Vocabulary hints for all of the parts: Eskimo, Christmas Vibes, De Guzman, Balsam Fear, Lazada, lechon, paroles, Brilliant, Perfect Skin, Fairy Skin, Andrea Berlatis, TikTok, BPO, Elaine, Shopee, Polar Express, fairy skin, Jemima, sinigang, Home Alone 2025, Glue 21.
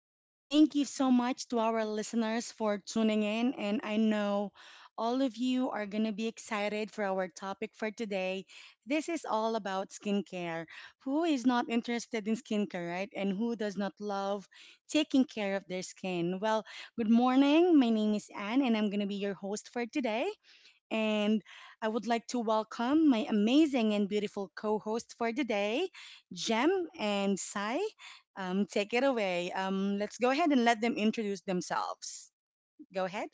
Again, thank you so much to our listeners for tuning in. And I know all of you are going to be excited for our topic for today. This is all about skincare. Who is not interested in skincare, right? And who does not love taking care of their skin? Well, good morning. My name is Anne, and I'm going to be your host for today and I would like to welcome my amazing and beautiful co host for the day, Jem and Sai. Take it away. Let's go ahead and let them introduce themselves. Go ahead.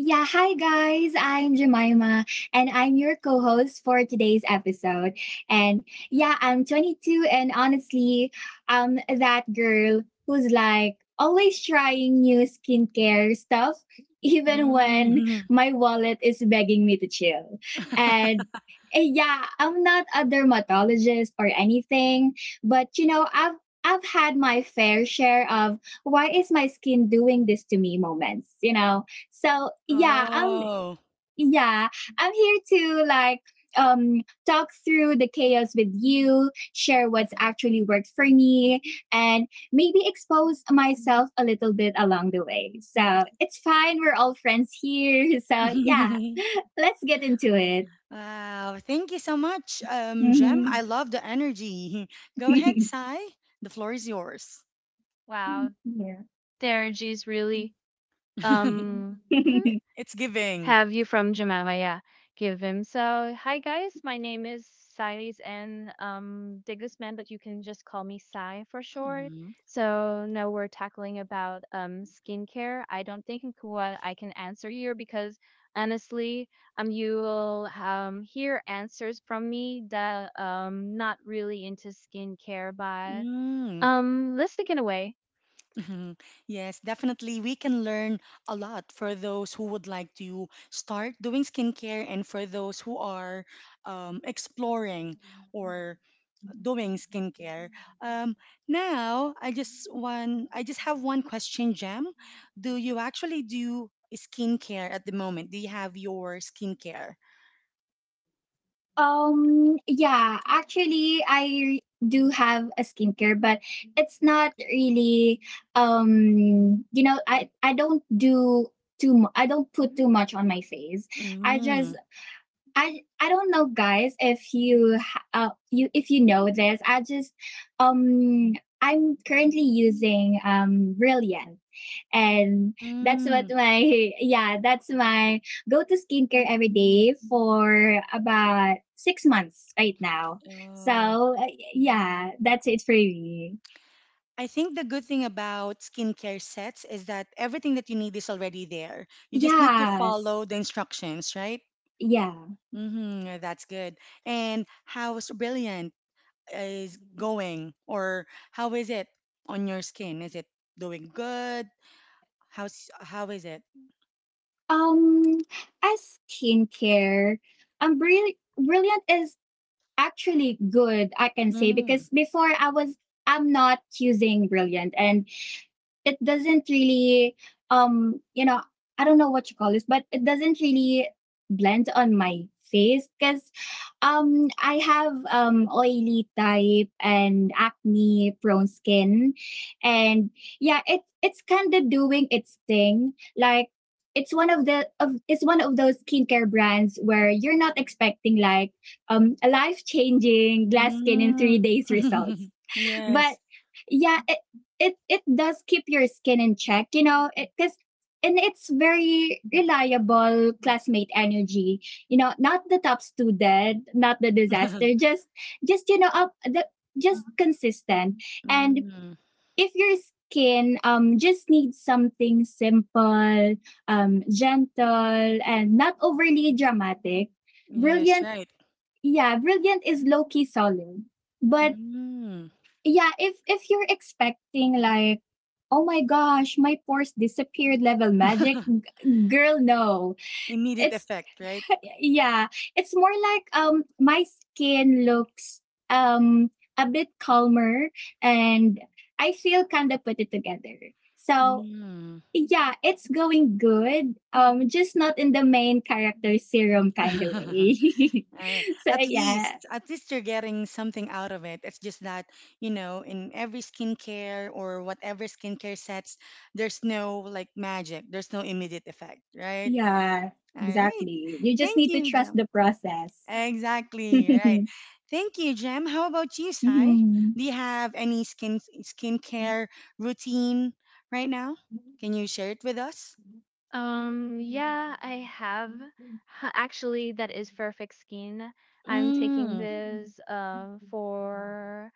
Yeah, hi guys. I'm Jemima and I'm your co-host for today's episode. And yeah, I'm 22 and honestly, that girl who's like always trying new skincare stuff even when Mm. my wallet is begging me to chill. And yeah, I'm not a dermatologist or anything, but you know, I've had my fair share of why is my skin doing this to me moments, you know? So Oh. yeah, I'm here to like um talk through the chaos with you, share what's actually worked for me, and maybe expose myself a little bit along the way. So it's fine, we're all friends here. So yeah, let's get into it. Wow. Thank you so much, Jem. I Mhm. love the energy. Go ahead, Sai. The floor is yours. Wow, Terji's really um yeah. It's giving. have you from Jemima, yeah. Give him. So hi guys, my name is Siles and De Guzman, but you can just call me Sai for short. So now we're tackling about skincare. I don't think what I can answer here because honestly, you will hear answers from me that not really into skincare, but Mm-hmm. Let's take it away. Mhm. Yes, definitely. We can learn a lot for those who would like to start doing skincare and for those who are exploring or doing skincare. Um, now, I just have one question, Jem. Do you actually do skincare at the moment? Do you have your skincare? Yeah, actually, I do have a skincare, but it's not really, you know, I don't do too I don't put too much on my face. I Mm. just I don't know, guys. If you know this, I just um I'm currently using Brilliant, and that's what Mm. my yeah, that's my go to skincare every day for about 6 months right now. Oh. So yeah, that's it for me. I think the good thing about skincare sets is that everything that you need is already there. You just need to Yes, follow the instructions, right? yeah. Mm-hmm, yeah, that's good. And how is Brilliant is going, or how is it on your skin? Is it doing good? How is it? Um, as skincare, um, Brill- Brilliant is actually good, I can say, Mm, because before I'm not using Brilliant and it doesn't really um you know I don't know what you call this, but it doesn't really blend on my face because I have oily type and acne prone skin. And yeah, it's kind of doing its thing. Like it's one of those skincare brands where you're not expecting like a life changing glass skin in mm. 3 days results. But Yes. yeah, it does keep your skin in check, you know, because and it's very reliable classmate energy, you know, not the top student, not the disaster, just you know, just consistent. And Mm, if your skin just needs something simple, gentle and not overly dramatic, yes, Brilliant, right. yeah, Brilliant is low key solid. But Mm. yeah, if you're expecting like, oh my gosh, my pores disappeared level magic, girl, no. Immediate It's effect, right? yeah, it's more like my skin looks um a bit calmer and I feel kind of put it together. So Mm. yeah, it's going good, just not in the main character serum kind of way. Uh, So yeah, at least you're getting something out of it. It's just that, you know, in every skincare or whatever skincare sets, there's no like magic, there's no immediate effect, right? yeah, All right. exactly, you just Thank need to you, trust Jem. the process. Exactly, right. Thank you, Jem. How about you, Mhm. Sai? Mhm. Do you have any skincare routine right now? Can you share it with us? Yeah, I have. Actually, that is Perfect Skin. I'm taking Mm. this for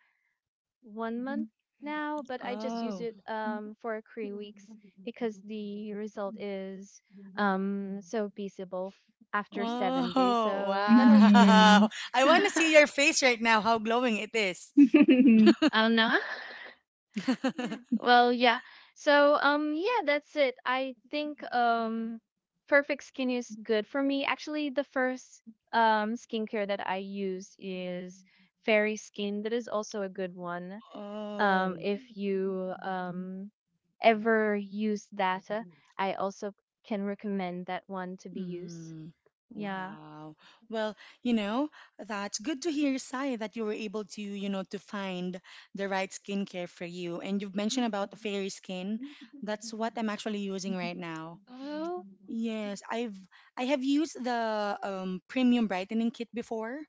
1 month now, but I just use it for 3 weeks because the result is so visible after 7 days. Oh, So that was good. wow. I want to I see your face right now, how glowing it is. don't know. Yeah. Well, yeah. So, yeah, that's it. I think perfect skin is good for me. Actually, the first skincare that I use is Fairy Skin. That is also a good one. Oh, If you ever use that, I also can recommend that one to be used. mm, Yeah. wow. Well, you know, that's good to hear, Sai, that you were able to, you know, to find the right skincare for you. And you've mentioned about the fairy skin. That's what I'm actually using right now. Oh, Yes, I have used the premium brightening kit before.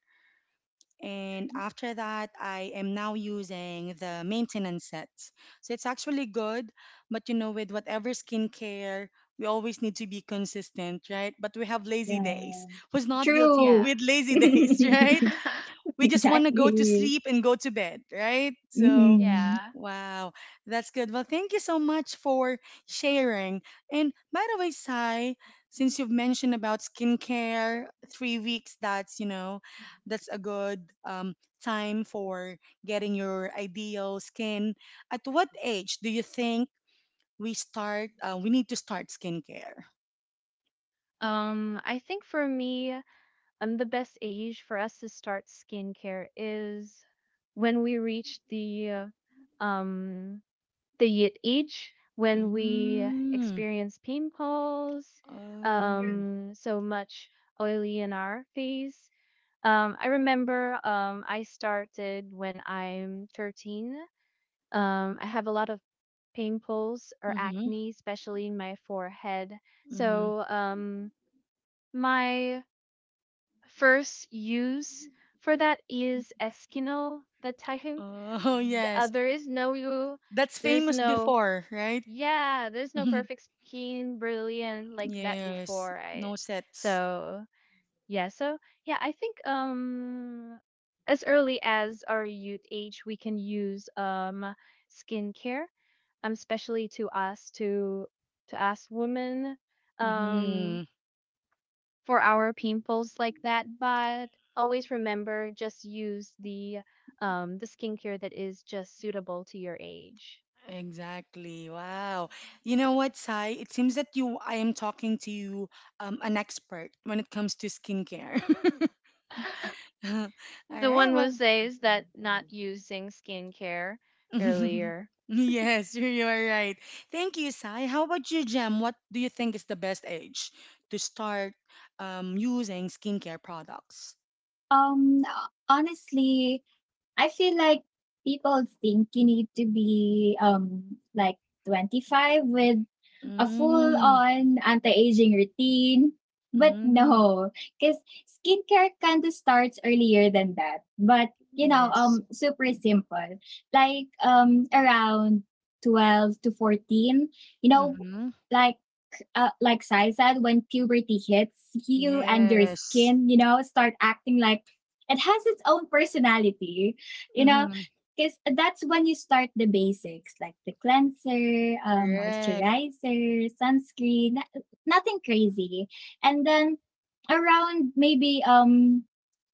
And after that I am now using the maintenance sets, so it's actually good. But you know, with whatever skincare, we always need to be consistent, right? But we have lazy Yeah. days. Who's not guilty yeah. True. with lazy days, right? We just want to go to Exactly. sleep and go to bed, right? So, Mhm. Yeah. wow, that's good. Well, thank you so much for sharing. And by the way, Sai, since you've mentioned about skincare, 3 weeks, that's, you know, that's a good um, time for getting your ideal skin. At what age do you think we need to start skincare? I think for me, the best age for us to start skincare is when we reach uh, um the age when we Mm. experience pimples, Oh. So much oily in our face. I remember I started when I'm 13. I have a lot of pimples or Mm-hmm. acne, especially in my forehead. So Hmm. My first use for that is Eskimo the time. Oh, yes. There is no you, That's there's famous no before, right? yeah, there's no perfect skin, brilliant like that Yes. before. I No sets. so yeah, so yeah, I think as early as our youth age, we can use skincare, especially to to us women. Um, Hmm. for our pimples like that. But always remember, just use the skincare that is just suitable to your age. Exactly. Wow. You know what, Sai? It seems that I am talking to you, an expert when it comes to skincare. All The right. one who Well, says that not using skincare earlier. yes, you are right. Thank you, Sai. How about you, Jem? What do you think is the best age to start using skincare products? Um, honestly, I feel like people think you need to be like 25 with a full Mm, on anti aging routine. But mm. no, because skincare kind of starts earlier than that. But you know, Yes. Super simple. Like around 12 to 14. You know, Mm-hmm. like like Sai said, when puberty hits you and your Yes. skin, you know, start acting like it has its own personality, you know, Mm-hmm. because that's when you start the basics like the cleanser, Correct. moisturizer, sunscreen, nothing crazy. And then around maybe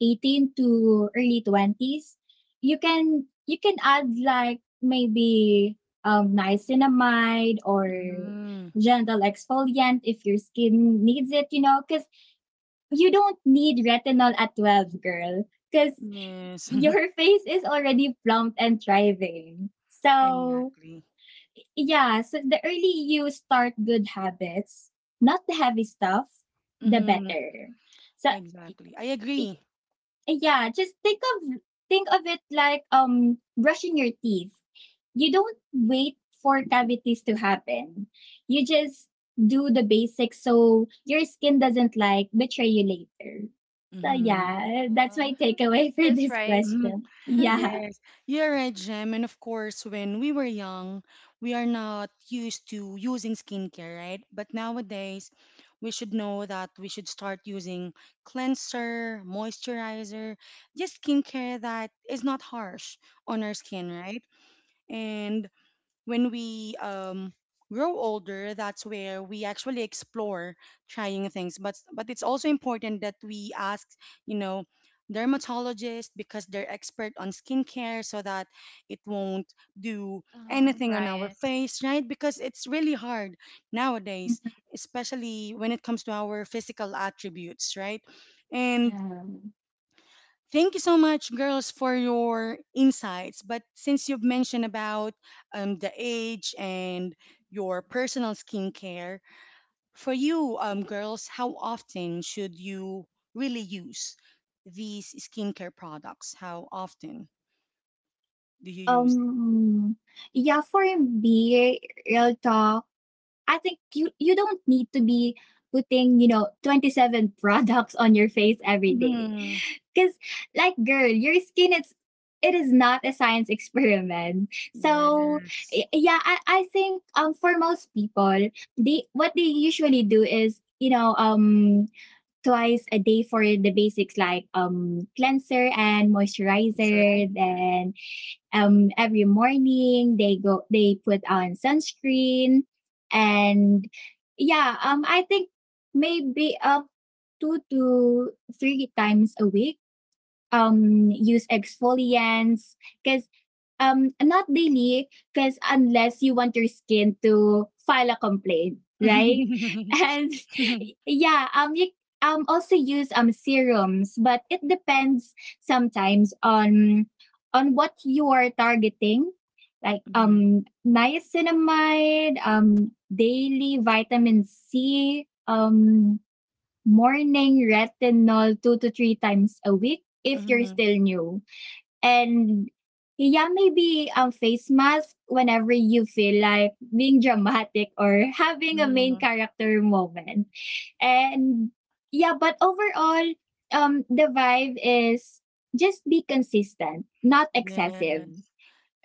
18 to early 20s, you can add like maybe niacinamide or Mm-hmm. gentle exfoliant if your skin needs it, you know, because you don't need retinol at 12, girl, because Yes. your face is already plump and thriving. So Exactly. yeah, so the early you start good habits, not the heavy stuff, the Mm-hmm. better. So, Exactly. I y- agree. yeah, just think of it like brushing your teeth. You don't wait for cavities to happen. You just do the basics so your skin doesn't like betray you later. So Mm-hmm. yeah, that's my Uh, takeaway for that's this right. Mm-hmm. question. Yeah. Yes. You're right, Jem. And of course, when we were young, we are not used to using skincare, right? But nowadays, we should know that we should start using cleanser, moisturizer, just skincare that is not harsh on our skin, right? And when we grow older, that's where we actually explore trying things. But it's also important that we ask, you know, dermatologists because they're expert on skincare, so that it won't do Oh, anything on our right. face, right? Because it's really hard nowadays, especially when it comes to our physical attributes, right? And Yeah. thank you so much, girls, for your insights. But since you've mentioned about the age and your personal skincare, for you, girls, how often should you really use these skincare products? How often do you use Um yeah, for me, real talk. I think you don't need to be putting, you know, 27 products on your face every it? day. Mhm. Cuz like girl, your skin is it is not a science experiment. So Yes, yeah, I think for most people, they what they usually do is, you know, twice a day for the basics like cleanser and that's moisturizer, right. then every morning they put on sunscreen. And yeah, I think maybe up 2 to 3 times a week use exfoliants, because not daily, because unless you want your skin to file a complaint, right? And yeah, you also use serums, but it depends sometimes on what you are targeting, like Mhm. Niacinamide, daily vitamin c, morning retinol 2 to 3 times a week if you're Mhm. still new. And yeah, maybe face mask whenever you feel like being dramatic or having a main Mhm. character moment. And yeah, but overall, the vibe is just be consistent, not excessive. Yes,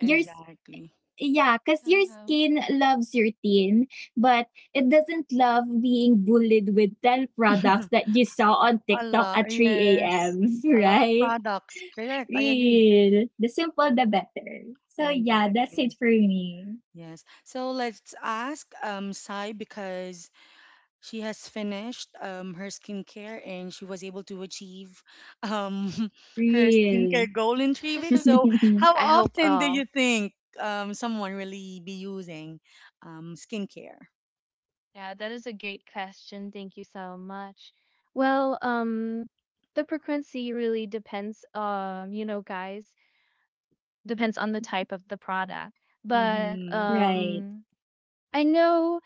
Your s- Yeah, because your Uh-huh. skin loves your tin, but it doesn't love being bullied with 10 products that you saw on A TikTok lot, at 3 yes. a.m., A lot of right? products. Correct. I agree. Real. The simple, the better. So, yeah, that's it Exactly. for me. Yes. So let's ask Sai because she has finished her skincare and she was able to achieve um her Real. skincare goal in 3 weeks. So how I hope often do all. you think someone really be using skincare? Yeah, that is a great question. Thank you so much. Well, the frequency really depends. You know, guys, depends on the type of the product. But Mm-hmm. right. I know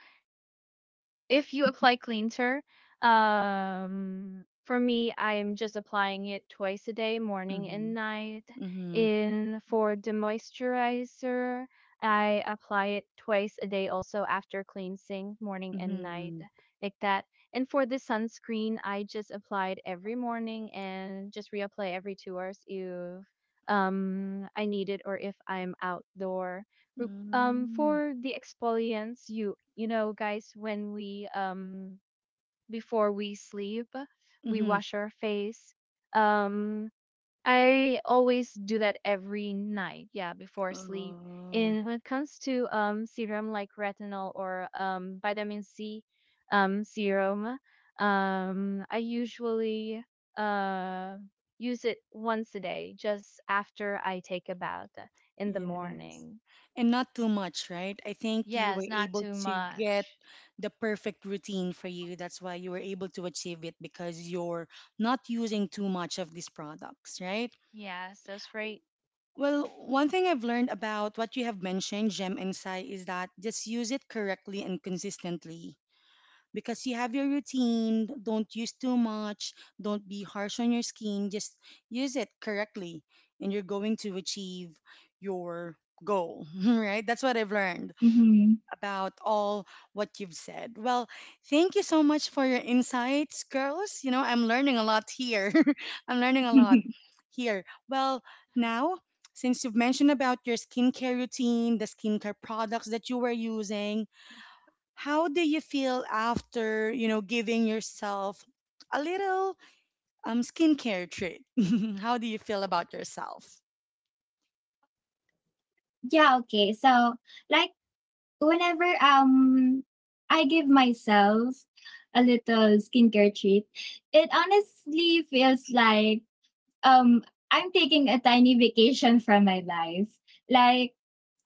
if you apply cleanser, for me, I'm just applying it twice a day, morning Mm-hmm. and night. Mm-hmm. In for the moisturizer, I apply it twice a day also after cleansing, morning and night, Mm-hmm. like that. And for the sunscreen, I just apply it every morning and just reapply every 2 hours if I need it or if I'm outdoor. Mm-hmm. For the exfoliants, you know guys, when we before we sleep, we Mm-hmm. wash our face. um I always do that every night, yeah, before sleep. Oh. And when it comes to serum like retinol or vitamin C, serum, I usually uh use it once a day just after I take a bath in the Yes. morning. And not too much, right? I think you were Yes, not able too to get much. the perfect routine for you. That's why you were able to achieve it because you're not using too much of these products, right? Yes, that's right. Well, one thing I've learned about what you have mentioned, Gem and Sai, is that just use it correctly and consistently because you have your routine. Don't use too much. Don't be harsh on your skin. Just use it correctly, and you're going to achieve your goal, right? That's what I've learned Hmm. about all what you've said. Well, thank you so much for your insights, girls. You know, I'm learning a lot here. I'm learning a lot here. Well, now, since you've mentioned about your skincare routine, the skincare products that you were using, how do you feel after giving yourself a little skincare treat? How do you feel about yourself? yeah, okay. So, like, whenever I give myself a little skincare treat, it honestly feels like um I'm taking a tiny vacation from my life. Like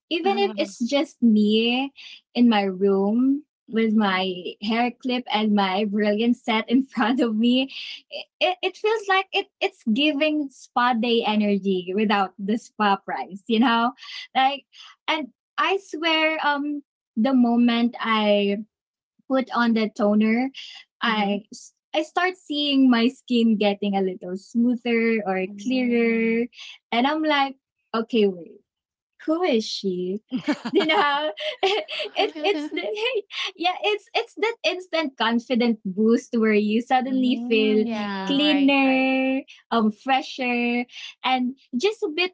even if it's just me in my room with Mm, my hair clip and my brilliant set in front of me, it feels like it's giving spa day energy without the spa price, you know? Like, and I swear, the moment I put on the toner, mhm, I start seeing my skin getting a little smoother or mm. clearer, and I'm like, okay, wait, who is she? You know, it's the yeah, it's that instant confident boost where you suddenly feel Yeah, Mm, right, right. cleaner, fresher, and just a bit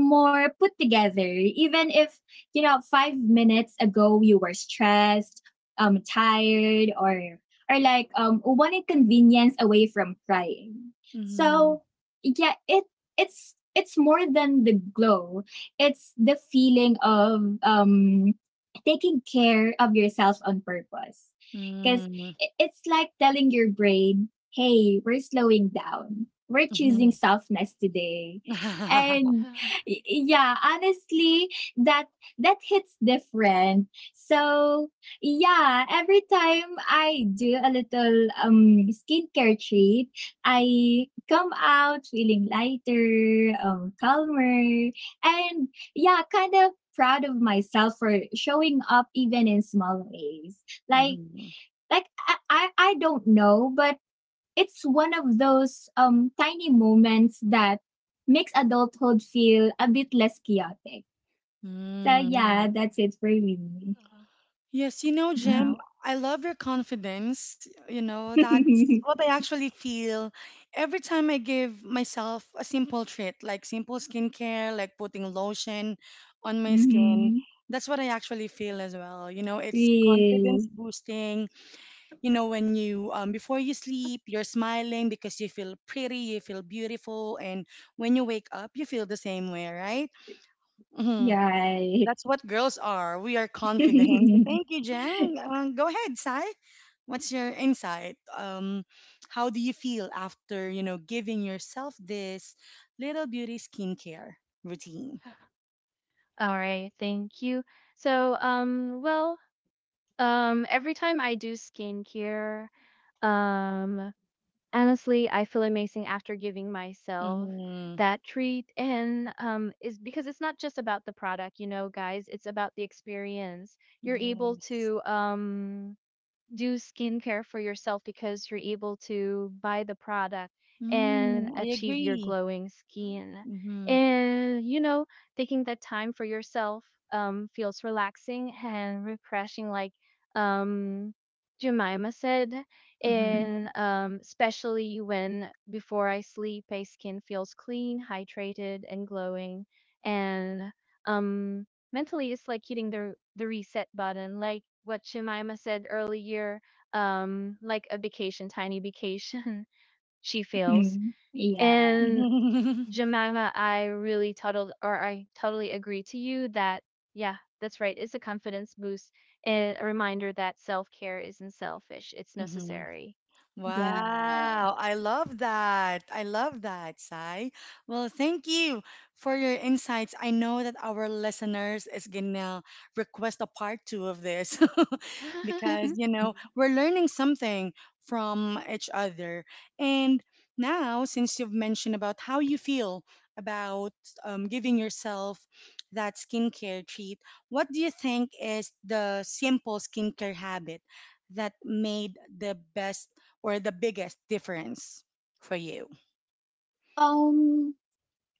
more put together even if 5 minutes ago you were stressed, tired, or like wanted convenience away from crying. mhm, So yeah, it's more than the glow. It's the feeling of taking care of yourself on purpose, because mm, it's like telling your brain, hey, we're slowing down, we're choosing mhm. softness today. And Uh-huh. Yeah, honestly, that that hits different. So yeah, every time I do a little skincare treat, I come out feeling lighter, calmer, and yeah, kind of proud of myself for showing up even in small ways, like Mhm, like I don't know, but it's one of those tiny moments that makes adulthood feel a bit less chaotic. So, mm. yeah, that's it for me. Yes, you know, Jim, Wow. I love your confidence. You know, that's what I actually feel every time I give myself a simple treat, like simple skincare, like putting lotion on my skin. Hmm. That's what I actually feel as well. You know, it's confidence Real. boosting. You know, before you sleep, you're smiling because you feel pretty, you feel beautiful. And when you wake up, you feel the same way, right? Mhm. Yeah. That's what girls are. We are confident. Thank you, Jem. Go ahead, Sai. What's your insight? How do you feel after giving yourself this little beauty skincare routine? All right, thank you. So, well, every time I do skincare, um, honestly, I feel amazing after giving myself Mm-hmm. that treat, and is because it's not just about the product, you know, guys. It's about the experience. You're able Yes. to do skincare for yourself because you're able to buy the product and Mm, I achieve your agree. glowing skin. Mm-hmm. And, you know, taking that time for yourself feels relaxing and refreshing, like um, Jemima said. Mm-hmm. And especially when before I sleep, my skin feels clean, hydrated, and glowing. And, um, mentally it's like hitting the reset button like what Jemima said earlier, like a vacation, tiny vacation. She feels, Mhm. Yeah. and Jemima, I really total or I totally agree to you that yeah, that's right, it's a confidence boost and a reminder that self-care isn't selfish, it's Mm-hmm. necessary. Yeah. Wow, I love that. I love that, Sai. Well, thank you for your insights. I know that our listeners is gonna request a part two of this, because you Mm. know we're learning something from each other. And now, since you've mentioned about how you feel about giving yourself that skincare treat, what do you think is the simple skincare habit that made the best or the biggest difference for you? Um,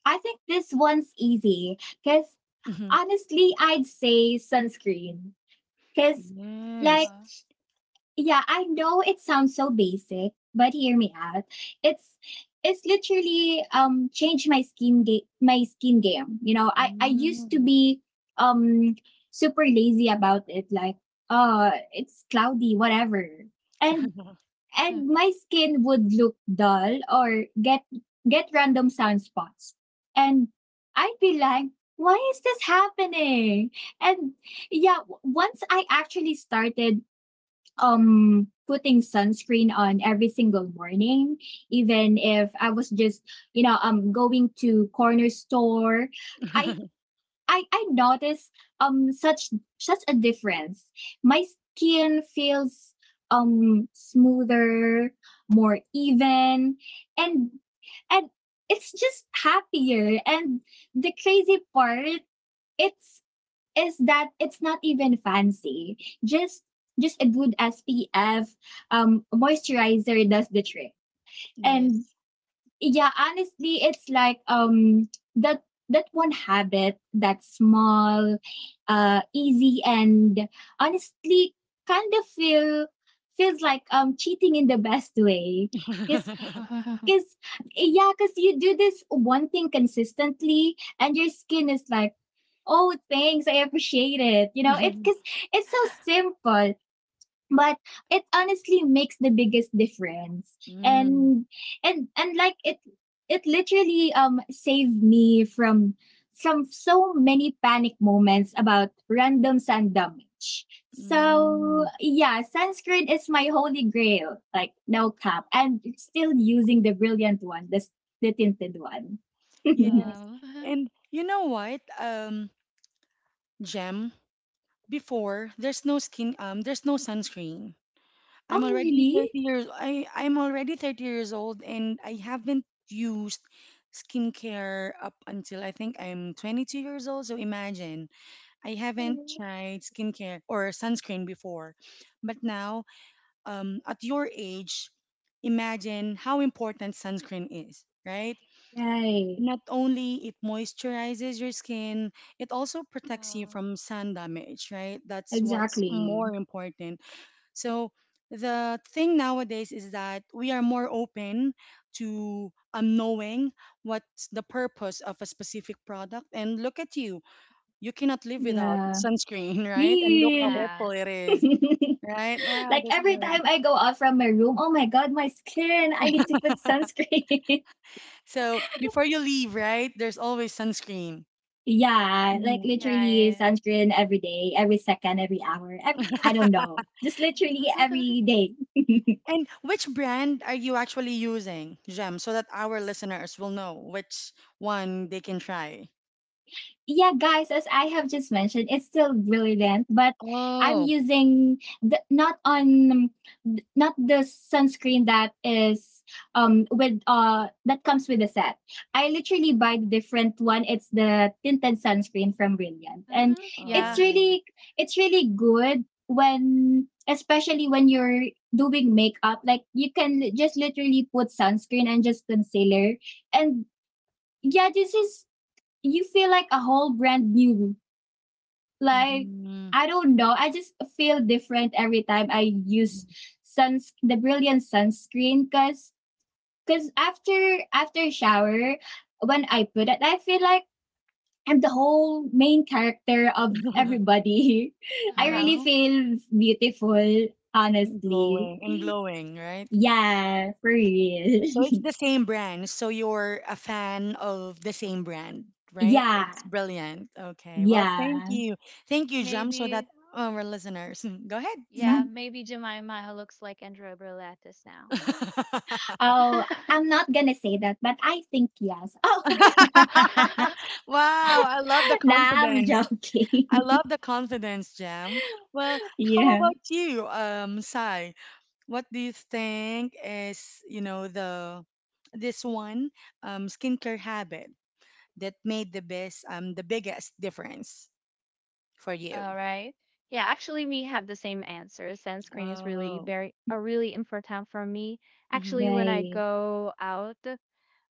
I think this one's easy because Hmm. honestly, I'd say sunscreen because, like, Yes. Uh, yeah, I know it sounds so basic, but hear me out. It's it's literally changed my skin game. You know, I used to Mm. be um super lazy about it like it's cloudy whatever. And my skin would look dull or get random sun spots. And I'd be like, "Why is this happening?" And yeah, once I actually started putting sunscreen on every single morning, even if I was just going to corner store, i I noticed um such such a difference. My skin feels smoother, more even, and and it's just happier. And the crazy part, it's is that it's not even fancy. Just just a good SPF moisturizer does the trick. And Yes. yeah, honestly, it's like that that one habit that's small, easy, and honestly kind of feels like cheating in the best way, because uh, because yeah because you do this one thing consistently and your skin is like, oh, thanks. I appreciate it. You know, it's because it's so simple, but it honestly makes the biggest difference. Mm. And and like it literally saved me from so many panic moments about random sun damage. Mm. So yeah, sunscreen is my holy grail. Like no cap, and still using the brilliant one, the tinted one. Yes. uh, And you know what, Gem, before there's no sunscreen. I'm oh already really? 30 years I I'm already 30 years old, and I haven't used skincare up until I think I'm 22 years old. So imagine, I haven't tried skincare or sunscreen before, but now, at your age, imagine how important sunscreen is, right? Right. Not only it moisturizes your skin, it also protects you from sun damage, right? That's what's Exactly. more important. So the thing nowadays is that we are more open to knowing what's the purpose of a specific product. And look at you, you cannot live without Yeah. sunscreen, right? And look how Real. helpful yeah. it is, right? Wow, like that's every great. time I go out from my room, oh my god, my skin. I need to put sunscreen. So before you leave, right, there's always sunscreen. yeah, like Mm. You're literally right. sunscreen every day, every second, every hour, every I don't know. Just literally every day. And which brand are you actually using, Gem, so that our listeners will know which one they can try? yeah guys, as I have just mentioned, it's still brilliant, but I'm Oh, using the, not on not the sunscreen that is with that comes with the set. I literally buy the different one. It's the tinted sunscreen from brilliant, and Mhm. it's Yeah. oh, really it's really good, when especially when you're doing makeup. Like you can just literally put sunscreen and just concealer. And yeah, this is you feel like a whole brand new. Like mm-hmm. I don't know, I just feel different every time I use suns the brilliant sunscreen, cuz after shower, when I put it, I feel like I'm the whole main character of everybody. I really Yes, Wow. feel beautiful, honestly. And glowing, right? Yeah, for real. So it's the same brand. So you're a fan of the same brand, right? Yeah, It's brilliant. Okay. Well, thank yeah. you. Thank you, Jam, so that Maybe. our listeners. Mm, go ahead, Sai. Yeah. Mm-hmm. Maybe Jemima looks like Andrea Berlatis now. Oh, I'm not gonna say that, but I think yes. Oh, Wow, I love the nah, I'm confidence. I joking. love the confidence, Jam. Well, how Yeah, about you, Sai? What do you think is, you know, the this one skincare habit that made the biggest difference for you? All right. Yeah. Actually, we have the same answer. Sunscreen is really Oh, very are really important for me. mm-hmm, Actually, when I right. go out,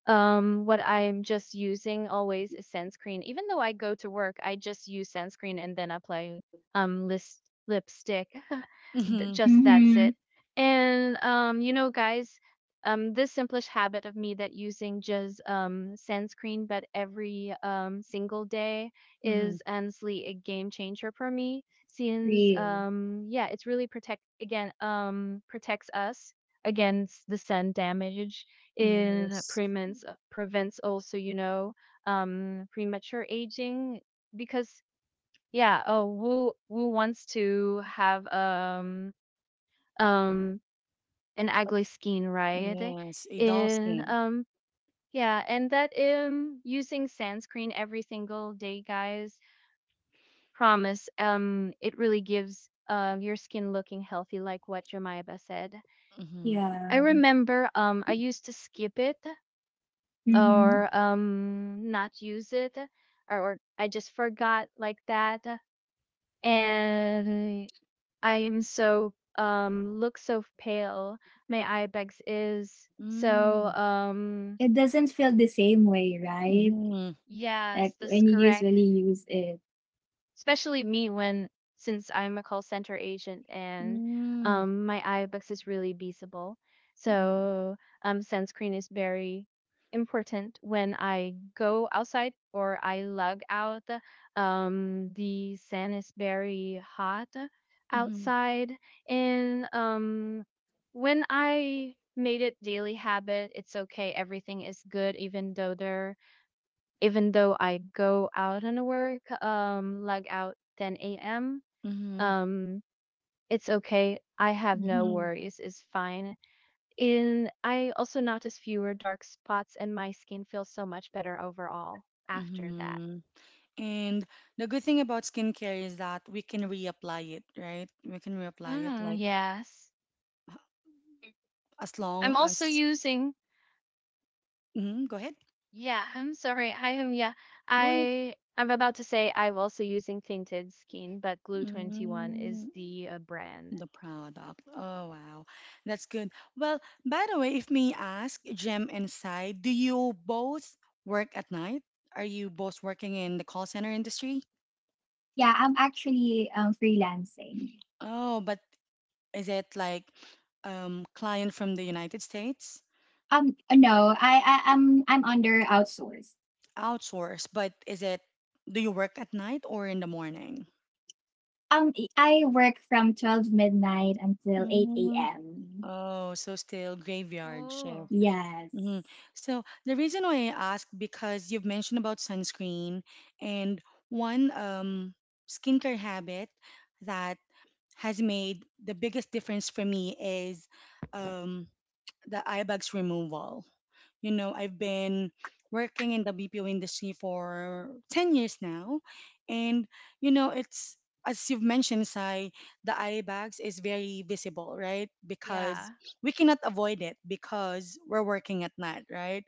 what I'm just using always is sunscreen. Even though I go to work, I just use sunscreen and then apply list lipstick. Mm-hmm, Just that's Mm-hmm. it. And you know, guys, this simplest habit of me that using just sunscreen, but every single day mm-hmm. is honestly a game changer for me. Since Real. Yeah, it's really protects us against the sun damage. It Yes, prevents also you know premature aging because yeah, oh, who Wu wants to have um an ugly skin, right? yes, a doll And skin. Yeah, and that using sunscreen every single day, guys, promise it really gives your skin looking healthy like what Jemima said. Mm-hmm, I Yeah. remember I used to skip it Mm-hmm. mm-hmm, or not use it or I just forgot like that, and I am so look so pale. My eye bags is so It doesn't feel the same way, right? mm-hmm, Like yes, that's when you correct. usually use it. Especially me when since I'm a call center agent and mm-hmm, my iBooks is really beasable. mm-hmm, So sunscreen is very important when I go outside or I lug out. The sun is very hot mm-hmm, outside and when I made it daily habit, it's okay, everything is good even though I go out and work, like out 10 a.m., mm-hmm, um, it's okay. I have no mm-hmm. worries. It's fine. And I also notice fewer dark spots, and my skin feels so much better overall after that. Mm-hmm. And the good thing about skincare is that we can reapply it, right? We can reapply it Mm, like yes. as long I'm also as. using. Mm-hmm, go ahead. Yeah, I'm sorry. I am. Yeah, Go ahead. I. I'm about to say I'm also using tinted skin, but Glue 21 is Mm-hmm, the brand. the product. Oh, wow. That's good. Well, by the way, if may ask, Jem and Sai, do you both work at night? Are you both working in the call center industry? Yeah, I'm actually freelancing. Oh, but is it like client from the United States? No, I'm under outsourced. Outsource, but is it, do you work at night or in the morning? I work from 12 midnight until eight Mm, a.m. oh, so still graveyard Oh, shift. Yes. Hmm. So the reason why I ask because you've mentioned about sunscreen, and one skincare habit that has made the biggest difference for me is um, the eye bags removal. You know, I've been working in the BPO industry for 10 years now, and it's as you've mentioned, Sai, the eye bags is very visible, right? yeah. Because we cannot avoid it because we're working at night, right?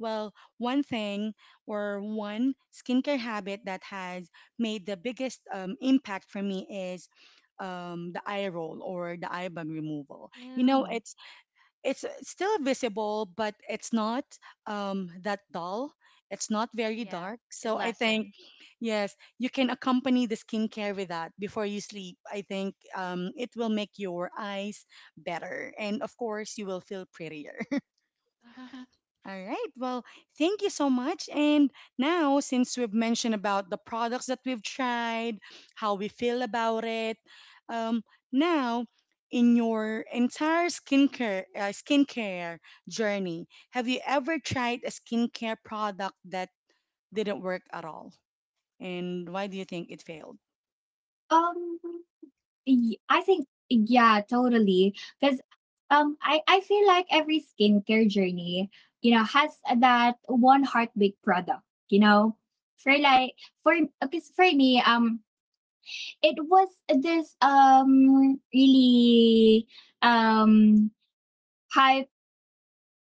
Well, one thing or one skincare habit that has made the biggest impact for me is the eye roll or the eye bag removal. You know, Ew. it's it's uh, still visible, but it's not that dull. It's not very Yeah. dark. It So I think lessened. yes, you can accompany the skincare with that before you sleep. I think it will make your eyes better, and of course, you will feel prettier. All right. Well, thank you so much. And now, since we've mentioned about the products that we've tried, how we feel about it, um, now in your entire skincare journey, have you ever tried a skincare product that didn't work at all? And why do you think it failed? Um, Y I think yeah, totally. Because I feel like every skincare journey, you know, has that one heartbreak product. You know, for like for because for me, it was this really um hype.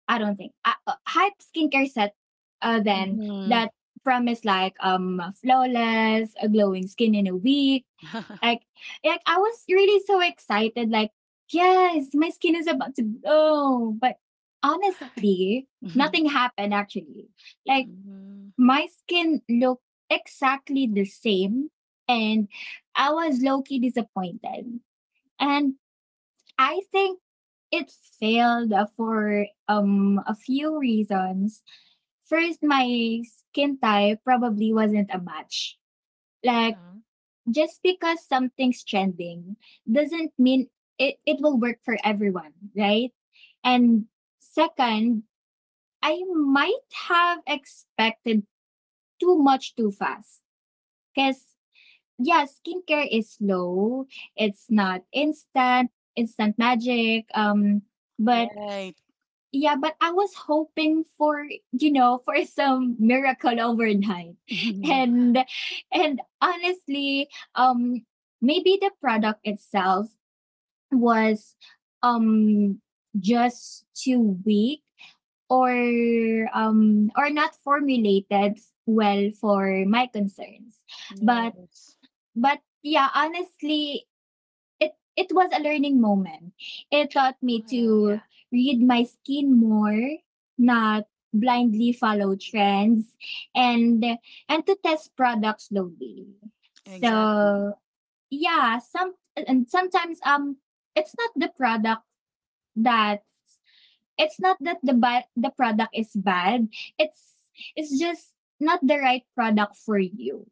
I don't think hype skincare set. Then Hmm. that promised like flawless, a glowing skin in a week like like I was really so excited, like, yes, my skin is about to glow. But honestly, nothing happened actually. Like Hmm. my skin looked exactly the same and I was low-key disappointed. And I think it failed for a few reasons. First, my skin type probably wasn't a match. Like Mhm. just because something's trending doesn't mean it will work for everyone, right? And second, I might have expected too much too fast. Because, yeah, skincare is slow, it's not instant, instant magic. But Right. yeah, but I was hoping for, you know, for some miracle overnight. And and honestly, um maybe the product itself was um just too weak or or not formulated well for my concerns. But Yes. but yeah, honestly, it was a learning moment. It taught me to Yeah. read my skin more, not blindly follow trends and and to test products slowly. Exactly. So yeah, some and sometimes it's not the product that it's not that the the product is bad. It's it's just not the right product for you.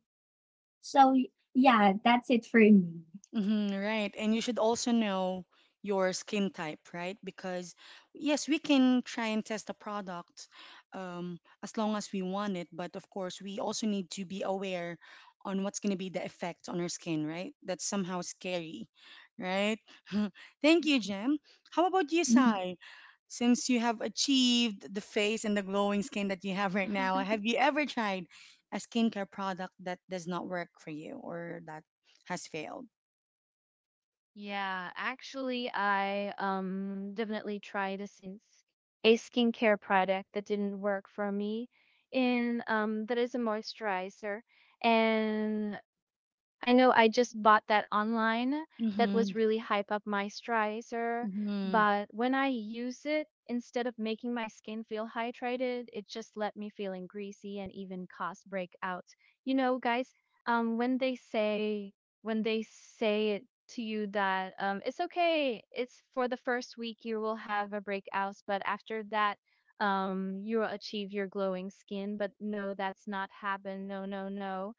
So yeah, that's it for me. Hmm, right. And you should also know your skin type, right? Because yes, we can try and test a product um, as long as we want it, but of course, we also need to be aware on what's going to be the effect on our skin, right? That's somehow scary, right? Thank you, Jem. How about you, Mm-hmm. Sai? Since you have achieved the face and the glowing skin that you have right now, have you ever tried a skincare product that does not work for you or that has failed? Yeah, actually, I definitely tried a skincare product that didn't work for me, and that is a moisturizer, and I know I just bought that online that was Mhm, really hype up my Stricer, mhm, but when I use it, instead of making my skin feel hydrated, it just left me feeling greasy and even caused breakouts. You know, guys, when they say when they it to you that it's okay, it's for the first week you will have a breakout, but after that, you will achieve your glowing skin. But no, that's not happened. No, no, no,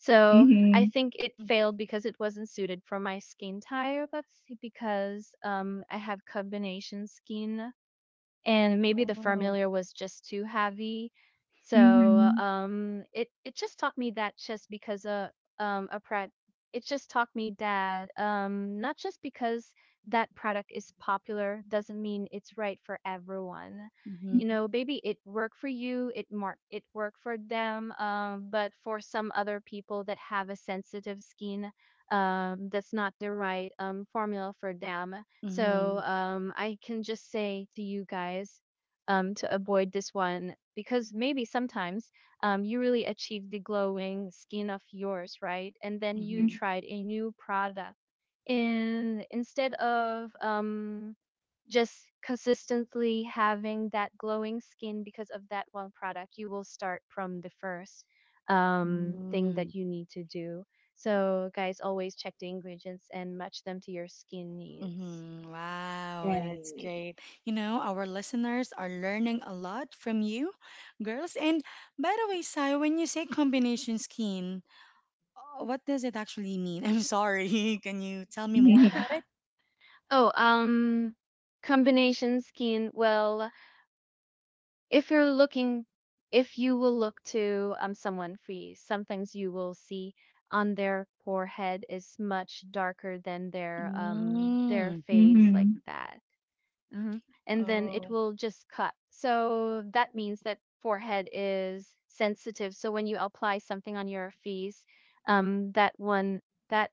so I Mm-hmm. think it mhm. failed because it wasn't suited for my skin type. That's because I have combination skin and maybe the Oh. familiar was just too heavy. So Mm-hmm. It just taught me that just because a product, it just taught me that not just because that product is popular doesn't mean it's right for everyone. Mhm, You know, maybe it worked for you, it worked for them, but for some other people that have a sensitive skin, that's not the right formula for them. So mhm, I can just say to you guys to avoid this one because maybe sometimes you really achieve the glowing skin of yours, right? And then you mhm, Mhm. tried a new product. And instead of just consistently having that glowing skin because of that one product, you will start from the first thing mhm, that you need to do. So, guys, always check the ingredients and match them to your skin needs. mhm. Wow, that's Right. great. You know, our listeners are learning a lot from you, girls. And by the way, Sai, when you say combination skin, what does it actually mean? I'm sorry. Can you tell me more about it? Oh, combination skin. Well, if you're looking, if you will look to someone free, sometimes you will see on their forehead is much darker than their Mm. face like Mhm. that. Hmm. And then it Oh. will just cut. So that means that forehead is sensitive. So when you apply something on your face, that one that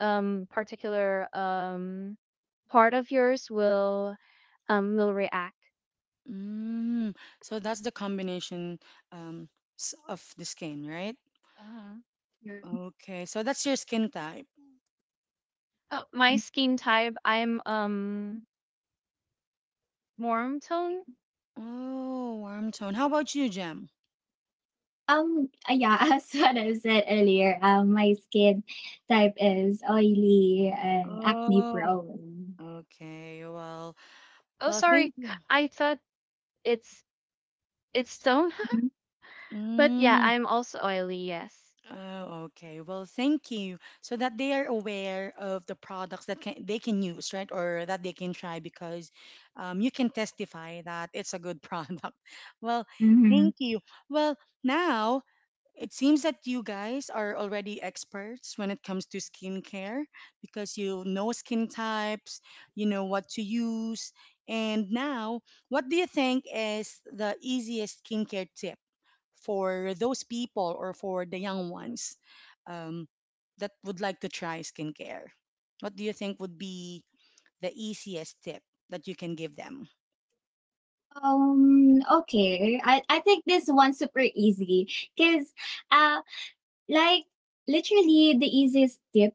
particular part of yours will react. Mm. So that's the combination um, s- of the skin, right? Uh-huh. Okay. So that's your skin type. Oh, my skin type, I'm warm tone. Oh, warm tone. How about you, Jem? Yeah, as what I said earlier, my skin type is oily and acne Oh, prone. okay. Well, Oh, well, sorry, thank you. I thought it's it's tone, Mhm. but yeah, Mm, I'm also oily. Yes. oh, okay. Well, thank you. So that they are aware of the products that they can use, right? Or that they can try because you can testify that it's a good product. Well, Mhm. thank you. Well, now it seems that you guys are already experts when it comes to skincare because you know skin types, you know what to use. And now, what do you think is the easiest skincare tip for those people or for the young ones um, that would like to try skincare? What do you think would be the easiest tip that you can give them? Okay. I think this one's super easy because uh like literally the easiest tip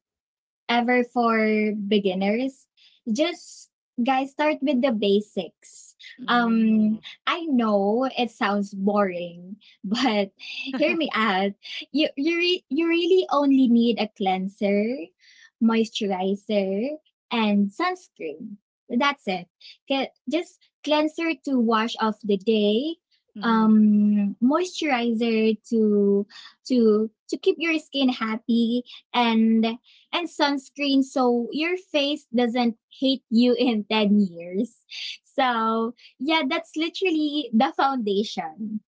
ever for beginners. Just guys start with the basics um Mm, I know it sounds boring but hear me out you you really only need a cleanser, moisturizer, and sunscreen. That's it. Just cleanser to wash off the day, mhm, moisturizer to to keep your skin happy, and and sunscreen so your face doesn't hate you in 10 years. So, yeah, that's literally the foundation.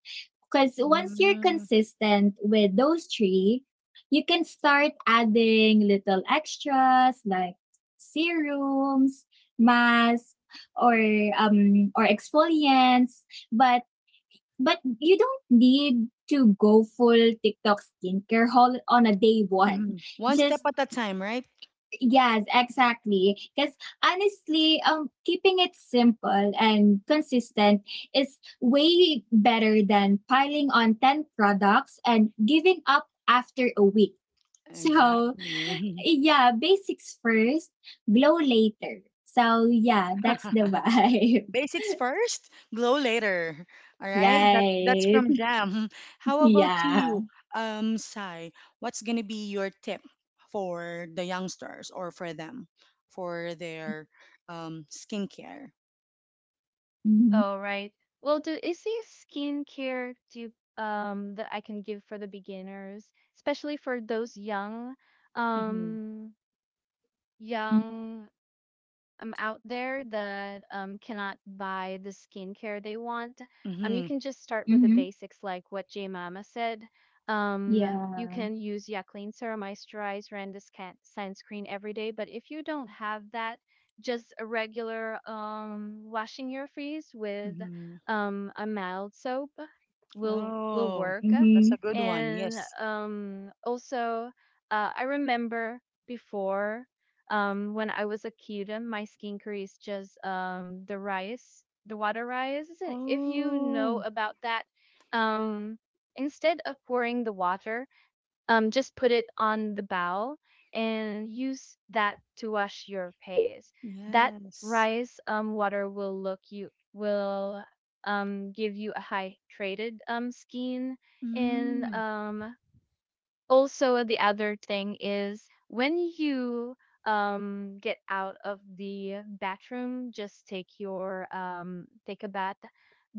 Because once you're mm, consistent with those three, you can start adding little extras like serums, masks, or or exfoliants. But but you don't need to go full TikTok skincare haul on a day one. mhm. One step Just at a time, right? yes, exactly. Because honestly, keeping it simple and consistent is way better than piling on 10 products and giving up after a week. So, Exactly. yeah, basics first, glow later. So, yeah, that's the vibe. Basics first, glow later. All right? That that's Right. from Jam. How about Yeah. you, Sai? What's gonna be your tip for the youngsters or for them for their skincare? Mm-hmm. Oh, right. Well, do is there skincare do you, that I can give for the beginners, especially for those young Mm-hmm. um Mm-hmm. young out there that cannot buy the skincare they want, you Mm-hmm. can just start with the Mm-hmm. basics like what J Mama said. You Yeah. can use Clean Serum Moisturizer and the sunscreen every day, but if you don't have that, just a regular washing your face with Mm-hmm. A mild soap will Oh, work. that's Mm-hmm. a good one. And Yes. Also I remember before when I was a kid, my skincare is just the water rice, and if you know Oh, about that um instead of pouring the water, just put it on the bowl and use that to wash your face. That yes. rice water will look you will give you a hydrated skin. And Mm, also the other thing is when you get out of the bathroom, just take your take a bath,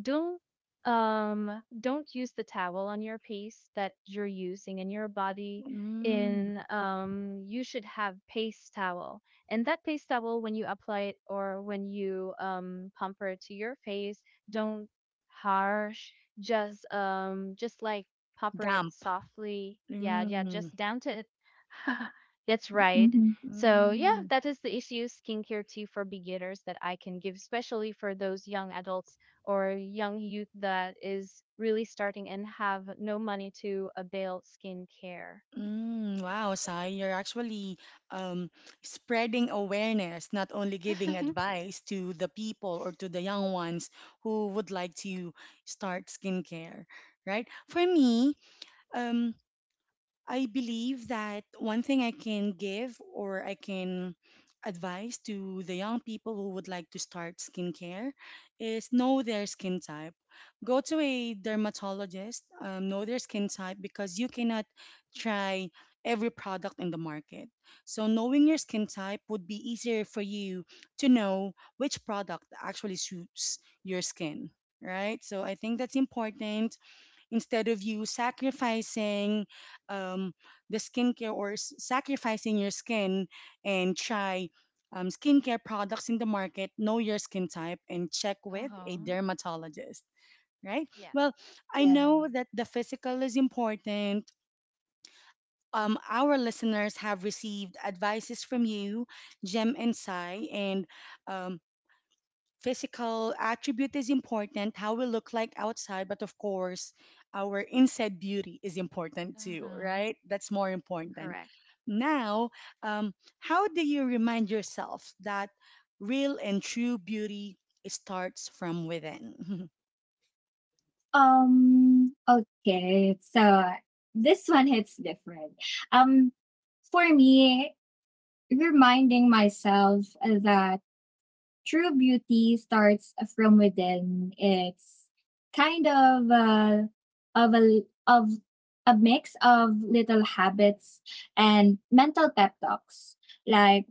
don't don't use the towel on your paste that you're using in your body. mm, In you should have paste towel, and that paste towel when you apply it or when you pamper it to your face, don't harsh, just like pamper it damp. softly. Yeah, yeah, Mm, just down to it. That's y- right. Mm-hmm. So yeah, mm, that is the issue skincare too for beginners that I can give, especially for those young adults or young youth that is really starting and have no money to avail skincare. mm. Wow, Sai, you're actually um, spreading awareness, not only giving advice to the people or to the young ones who would like to start skincare, right? For me, um, I believe that one thing I can give or I can advise to the young people who would like to start skincare is know their skin type. Go to a dermatologist, know their skin type because you cannot try every product in the market. So, knowing your skin type would be easier for you to know which product actually suits your skin, right? So, I think that's important instead of you sacrificing um, the sacrificing your skin and try skincare products in the market, know your skin type and check with a Uh-huh. dermatologist, right? Yeah. Well, I Yeah. know that the physical is important. Our listeners have received advices from you, Jem and Sai, and um, physical attribute is important, how we look like outside, but of course, our inside beauty is important too, Uh-huh. right? That's more important. Correct. Now, um, how do you remind yourself that real and true beauty starts from within? Okay. So this one hits different. Um, for me, reminding myself that true beauty starts from within. It's kind of a, of a of a mix of little habits and mental pep talks. Like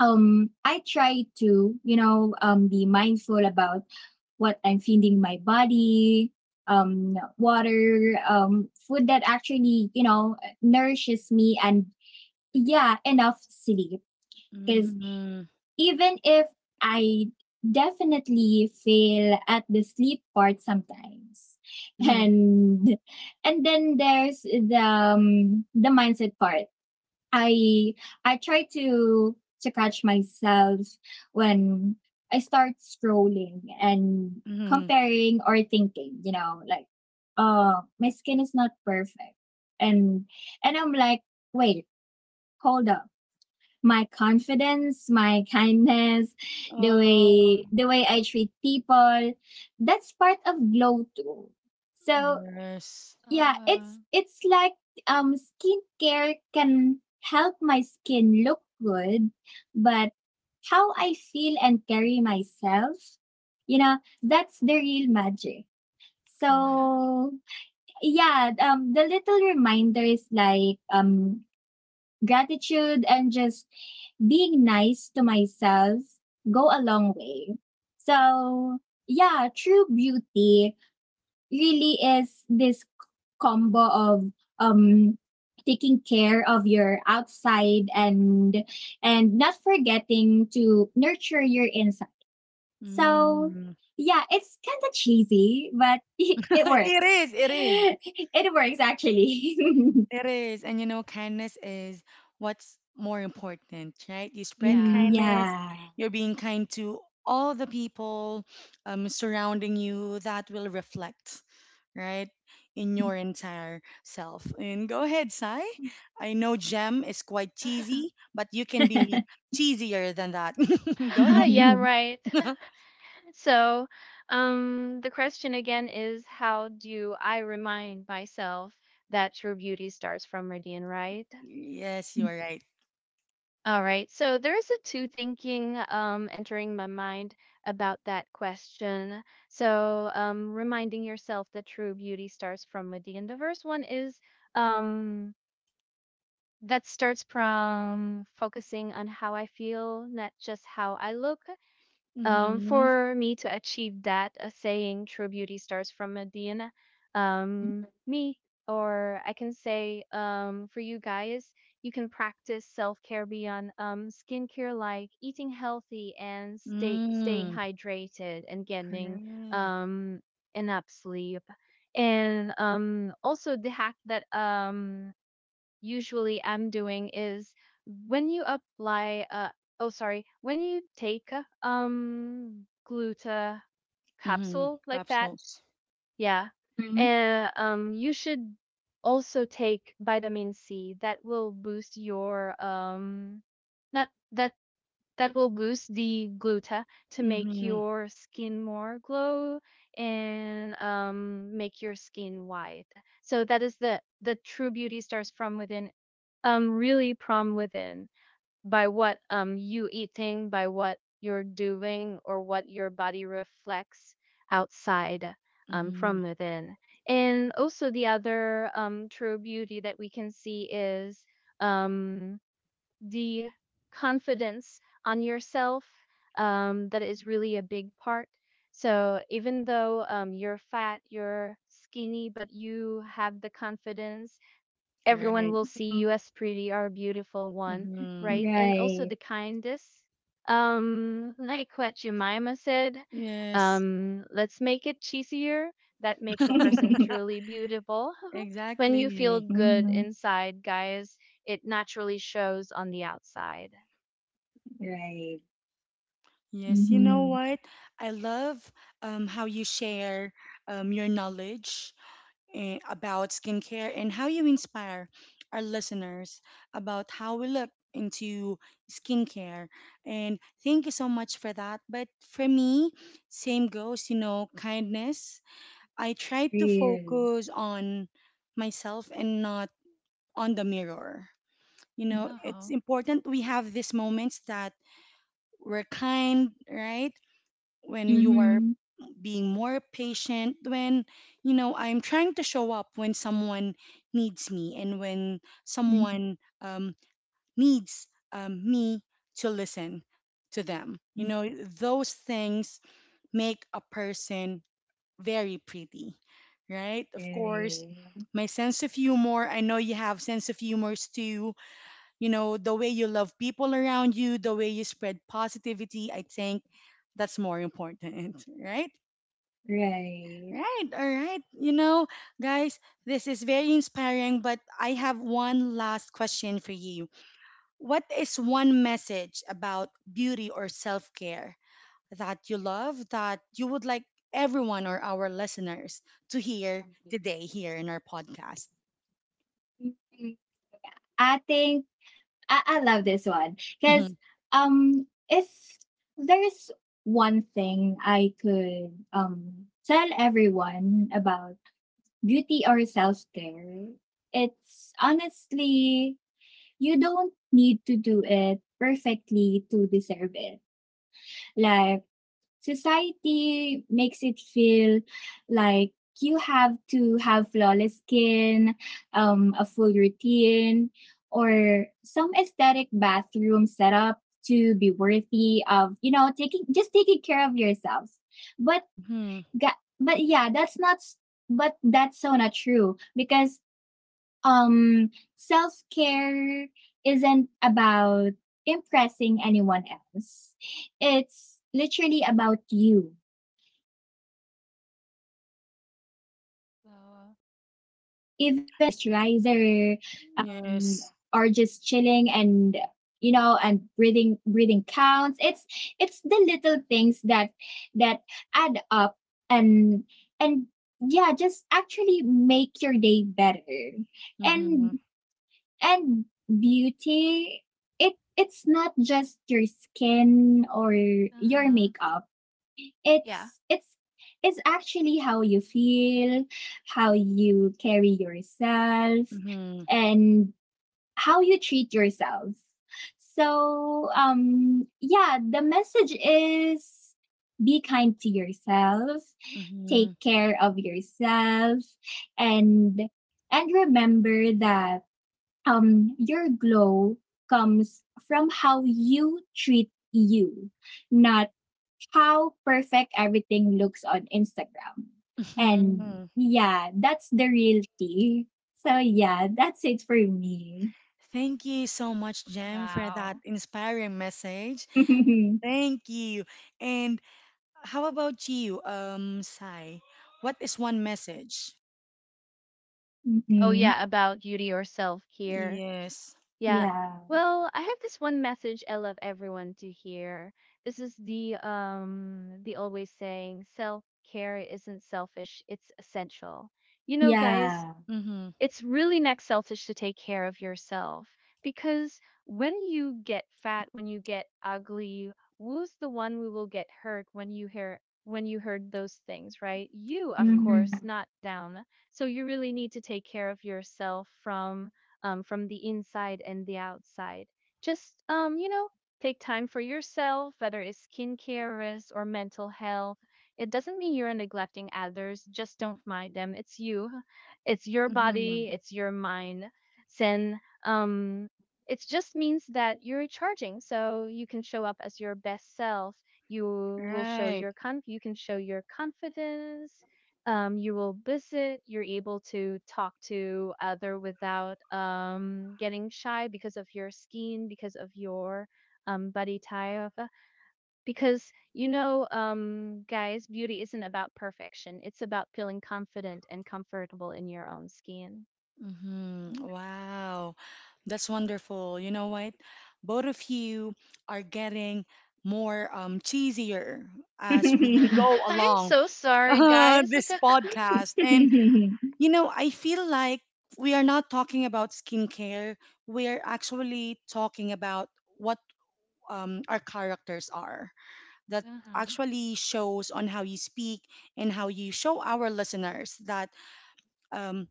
I try to, you know, be mindful about what I'm feeding my body, water, food that actually, you know, nourishes me and yeah, enough sleep because Mhm. even if I definitely fail at the sleep part sometimes Mhm. and and then there's the mindset part I I try to catch myself when I start scrolling and Mhm. comparing or thinking, you know, like, oh, my skin is not perfect. And and I'm like, wait, hold up. My confidence, my kindness, the Oh, way the way I treat people, that's part of glow too. So yes. yeah, Uh, it's like skincare can help my skin look good, but how I feel and carry myself, you know, that's the real magic. Correct. So yeah, the little reminders like gratitude and just being nice to myself go a long way. So yeah, true beauty really is this combo of um taking care of your outside and not forgetting to nurture your inside. So uh, Mm. yeah, it's kind of cheesy, but it, It works. is, it is. It works actually. It is. And you know, kindness is what's more important, right? You spread Mm, yeah. kindness, yeah. you're being kind to all the people surrounding you that will reflect, right, in your entire self. And go ahead, Sai. I know Gem is quite cheesy, but you can be Right. cheesier than that. Go Ah, yeah, right. ahead. So the question again is how do I remind myself that true beauty starts from within, right? Yes, you are right. All right. So there is a two thinking entering my mind about that question. So reminding yourself that true beauty starts from within. The first one is um, that starts from focusing on how I feel, not just how I look. Mm-hmm. For me to achieve that, saying true beauty starts from within, um, me, or I can say, for you guys, you can practice self care beyond skincare, like eating healthy and staying Mm, hydrated and getting correct. um, enough sleep. And also the hack that usually am doing is when you apply oh sorry, when you take gluta Mm-hmm. capsule like Crab. that. Yeah. And you should also take vitamin C that will boost your not that, that will boost the gluta to make Mm-hmm. your skin more glow and make your skin white. So that is the true beauty starts from within, really from within, by what you eating, by what you're doing, or what your body reflects outside, Mm-hmm. from within. And also the other true beauty that we can see is um the confidence on yourself, that is really a big part. So even though you're fat, you're skinny, but you have the confidence, everyone Right. will see you as pretty or beautiful one, Mm-hmm. right? And also the kindest. Like what Jemima said, Yes. Let's make it cheesier. That makes a person truly beautiful. When you feel Exactly. good Mhm. inside, guys, it naturally shows on the outside. Right. Yes, you know Mm-hmm. what? I love how you share your knowledge about skincare and how you inspire our listeners about how we look into skincare. And thank you so much for that. But for me, same goes, you know, kindness. I try to Real. focus on myself and not on the mirror. You know, it's Uh-huh. important we have these moments that we're kind, right? When you are Hmm. being more patient, when, you know, I'm trying to show up when someone needs me and when Mm, someone needs me to listen to them, you mm, know, those things make a person very pretty, right? Of course, right, my sense of humor, I know you have sense of humors too, you know, the way you love people around you, the way you spread positivity, I think that's more important. Right? right. Right. All right, you know, guys, this is very inspiring, but I have one last question for you. What is one message about beauty or self-care that you love that you would like everyone or our listeners to hear today here in our podcast? Mm, I think I love this one Hmm. because if there's one thing I could, tell everyone about beauty or self-care, it's honestly, you don't need to do it perfectly to deserve it. Like society makes it feel like you have to have flawless skin, a full routine, or some aesthetic bathroom setup to be worthy of, you know, taking just taking care of yourselves. But Hmm. ga- but yeah, that's not s- that's so not true because um self-care isn't about impressing anyone else. It's literally about you, even you know, even 5 minutes of Wow. putting on a moisturizer, um, Yes. or just chilling and you know and breathing, breathing counts. It's the little things that that add up and and yeah just actually make your day better. Mm-hmm. and and beauty, it it's not just your skin or your Uh-huh. makeup, Yeah. it's it's actually how you feel, how you carry yourself, Mm-hmm. and how you treat yourself. So, yeah, the message is be kind to yourself, Mm-hmm. take care of yourself, and and remember that your glow comes from how you treat you, not how perfect everything looks on Instagram. And Mhm. yeah, that's the real tea. So yeah, that's it for me. Thank you so much, Jem, for that Wow. inspiring message. Hmm. Thank you. And how about you, Sai? What is one message? Oh yeah, about beauty or self care. Yes. Yeah. Yeah. Well, I have this one message I love everyone to hear. This is the always saying self-care isn't selfish, it's essential. You know, guys, Yeah. Mm-hmm. it's really not selfish to take care of yourself, because when you get fat, when you get ugly, who's the one who will get hurt when you hear, when you heard those things, right? You, of Hmm. course, not down. So you really need to take care of yourself from the inside and the outside. Just you know, take time for yourself, whether it's skincare risk or mental health. It doesn't mean you're neglecting others, just don't mind them, it's you, it's your Mm-hmm. body, it's your mind. Sen, um, it just means that you're recharging, so you can show up as your best self. You will show Right. your you can show your confidence. You will visit. You're able to talk to other without getting shy because of your skin, because of your body type. Because, you know, guys, beauty isn't about perfection. It's about feeling confident and comfortable in your own skin. Mm-hmm. Wow. That's wonderful. You know what? Both of you are getting more cheesier as we go I'm along so sorry, guys. But this podcast. And you know, I feel like we are not talking about skincare. We are actually talking about what our characters are. That hmm actually shows on how you speak and how you show our listeners that um,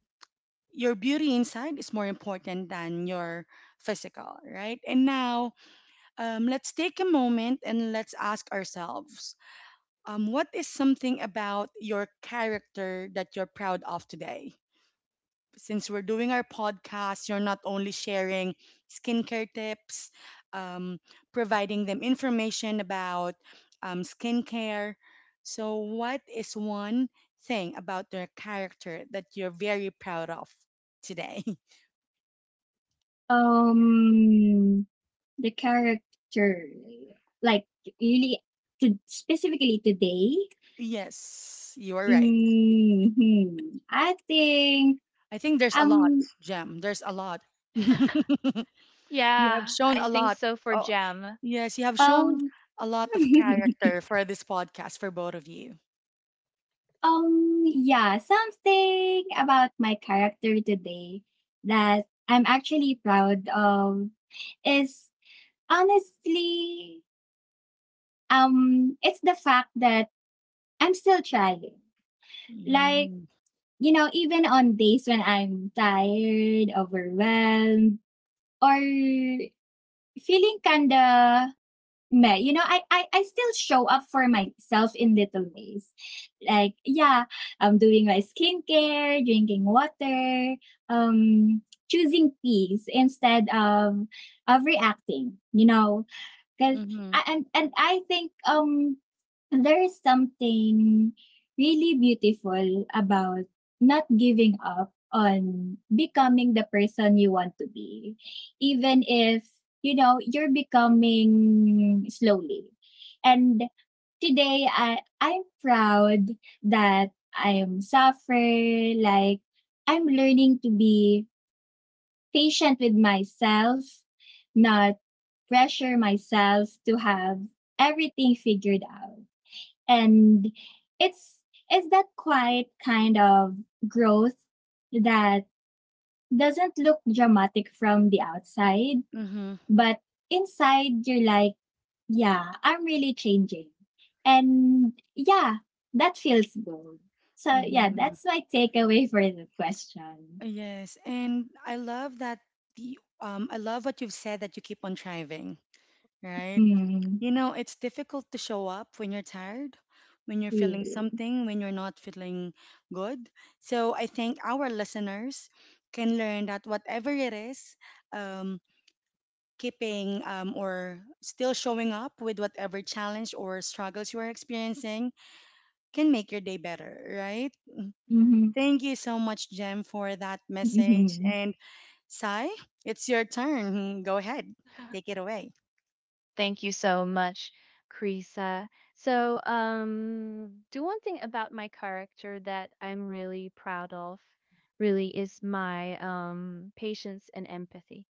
your beauty inside is more important than your physical, right? And now let's take a moment and let's ask ourselves what is something about your character that you're proud of today? Since we're doing our podcast, you're not only sharing skincare tips, um, providing them information about skincare. So, what is one thing about their character that you're very proud of today? um the character like really to specifically today. Yes, you are right. Hmm. I think I think there's a um lot, Jem. There's a lot. You have yeah, shown I a think lot. so for Oh, Gem. yes, you have shown um a lot of character for this podcast for both of you. Yeah, something about my character today that I'm actually proud of is honestly, it's the fact that I'm still trying. Like, Mm-hmm. you know, even on days when I'm tired, overwhelmed, or feeling kinda meh. You know, I still show up for myself in little ways. Like, yeah, I'm doing my skincare, drinking water, um, choosing peace instead of reacting. You know, cause Mm-hmm. And I think there is something really beautiful about not giving up on becoming the person you want to be even if you know you're becoming slowly, and today I'm proud that I'm suffer like I'm learning to be patient with myself, not pressure myself to have everything figured out. And it's it's that quiet kind of growth that doesn't look dramatic from the outside, Mm-hmm. but inside you're like, yeah, I'm really changing. And yeah, that feels good. So yeah, Mm-hmm. that's my takeaway for the question. Yes, and Mhm. I love that the I love what you've said that you keep on striving, right? Mm, You know, it's difficult to show up when you're tired, when you're feeling really. something, when you're not feeling good. So I think our listeners can learn that whatever it is, um, keeping or still showing up with whatever challenge or struggles you are experiencing can make your day better, right? Mm-hmm. Thank you so much, Jem, for that message. Mm-hmm. And Sai, it's your turn. Go ahead, take it away. Thank you so much, Krisa. So, do one thing about my character that I'm really proud of, really, is my patience and empathy.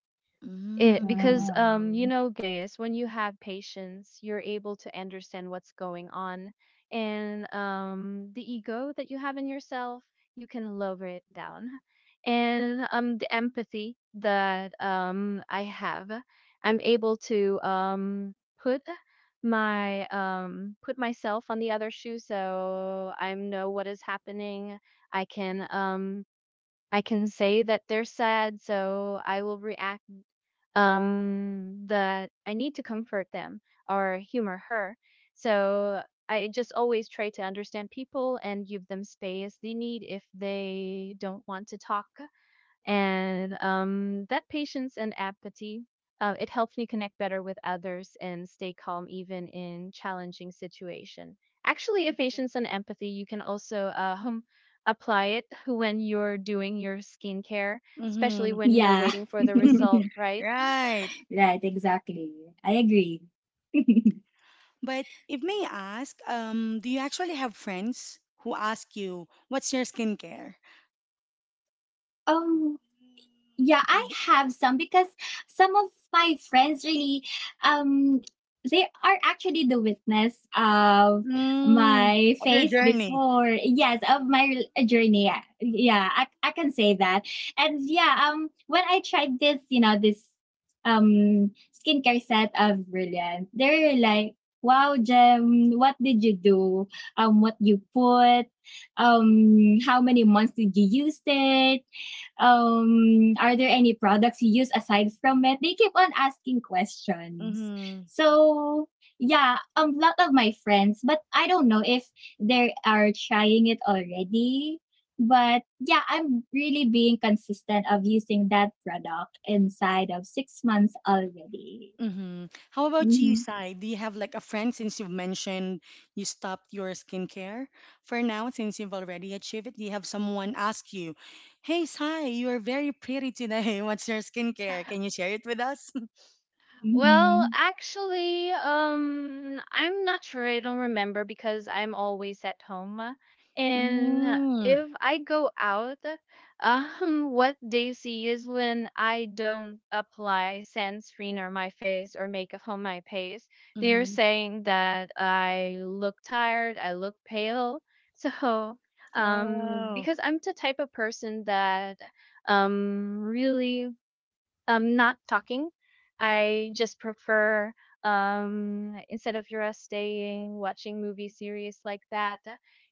It Mm. because you Wow. know Gaius, when you have patience, you're able to understand what's going on, and the ego that you have in yourself, you can lower it down, and the empathy that I have, I'm able to put put myself on the other shoe, so I know what is happening. I can um I can say that they're sad, so I will react that I need to comfort them or humor her. So I just always try to understand people and give them space they need if they don't want to talk. And that patience and empathy, it helps me connect better with others and stay calm even in challenging situation. Actually, if patience and empathy, you can also apply it when you're doing your skincare, especially Hmm. when you're Yeah. waiting for the result, right? Right. Right, exactly. I agree. But if may ask, do you actually have friends who ask you, what's your skincare? um, yeah, I have some because some of my friends really um they are actually the witness of Mm. my Of your face journey. before, yes, of my journey, yeah yeah, I can say that. And yeah, when I tried this, you know, this skincare set of brilliant, they're like, wow, Jem, what did you do? What you put? How many months did you use it? Are there any products you use aside from it? They keep on asking questions. Mm-hmm. So yeah, a lot of my friends, but I don't know if they are trying it already. But yeah, I'm really being consistent of using that product inside of 6 months already. Mm-hmm. How about you, Mm-hmm. Sai? Do you have like a friend since you've mentioned you stopped your skincare for now since you've already achieved it? Do you have someone ask you, "Hey, Sai, you are very pretty today. What's your skincare? Can you share it with us?" Well, actually, I'm not sure. I don't remember because I'm always at home. And Mm. if I go out, what they see is when I don't apply sunscreen on my face or makeup on my face, they're Mm-hmm. saying that I look tired, I look pale. So, Oh. because I'm the type of person that really not talking. I just prefer instead of Yura staying watching movie series like that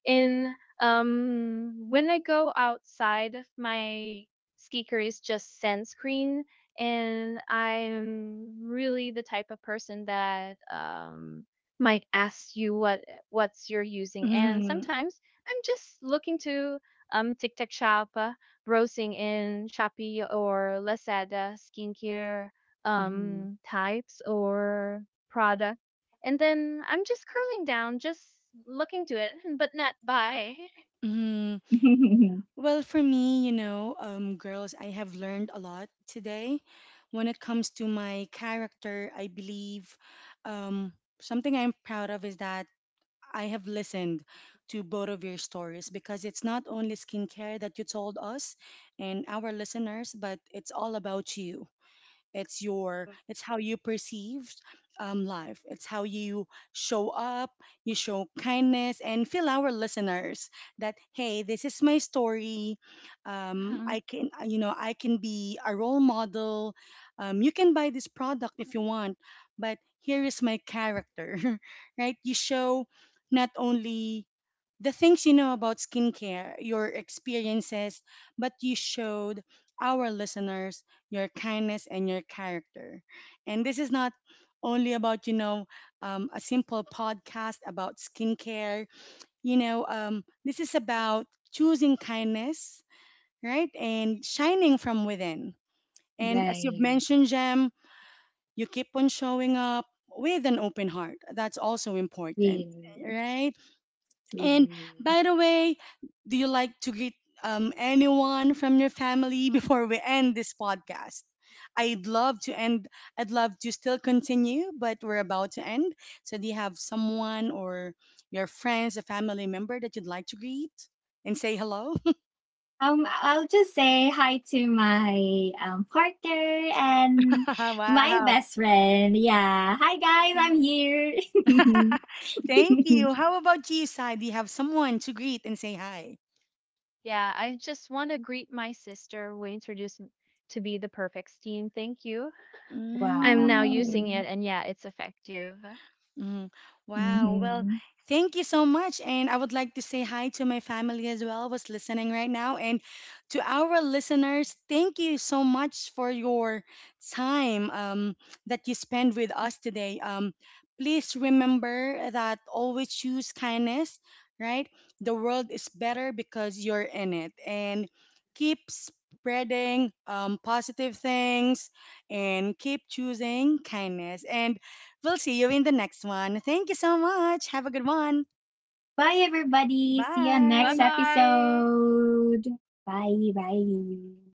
in when I go outside, my skicker is just sand screen. And I'm really the type of person that might ask you what what's you're using, and Mm-hmm. sometimes I'm just looking to TikTok shop, browsing in Shopee or Lazada skincare Mm-hmm. Types or product. And then I'm just curling down, just looking to it, but not buy. Mm-hmm. Mm-hmm. Well, for me, you know, girls, I have learned a lot today when it comes to my character. I believe um, something I'm proud of is that I have listened to both of your stories because it's not only skincare that you told us and our listeners, but it's all about you. It's your, it's how you perceive life, it's how you show up, you show kindness and feel our listeners that hey, this is my story, I Mhm. can you know, I can be a role model. You can buy this product if you want, but here is my character. Right? You show not only the things you know about skincare, your experiences, but you showed our listeners your kindness and your character. And this is not only about, you know, a simple podcast about skincare. You know, this is about choosing kindness, right? And shining from within. And as you've Right. mentioned, Jem, you keep on showing up with an open heart. That's also important, Really. right? And True. by the way, do you like to greet anyone from your family before we end this podcast? I'd love to end. I'd love to still continue, but we're about to end. So, do you have someone or your friends, a family member that you'd like to greet and say hello? I'll just say hi to my, partner and my Wow. best friend. Yeah. Hi, guys, Mhm. I'm here. Thank you. How about you, Sai? Do you have someone to greet and say hi? Yeah, I just want to greet my sister who introduced me to be the perfect steam. Thank you. I'm now Mm. using Wow. it, and yeah, it's effective. Mm, wow. Well, Mhm. thank you so much. And I would like to say hi to my family as well, who's listening right now. And to our listeners, thank you so much for your time that you spend with us today. Please remember that always choose kindness, right? The world is better because you're in it. And keep spreading positive things and keep choosing kindness. And we'll see you in the next one. Thank you so much. Have a good one. Bye, everybody. See you on Bye next Bye. bye. episode. Bye, bye.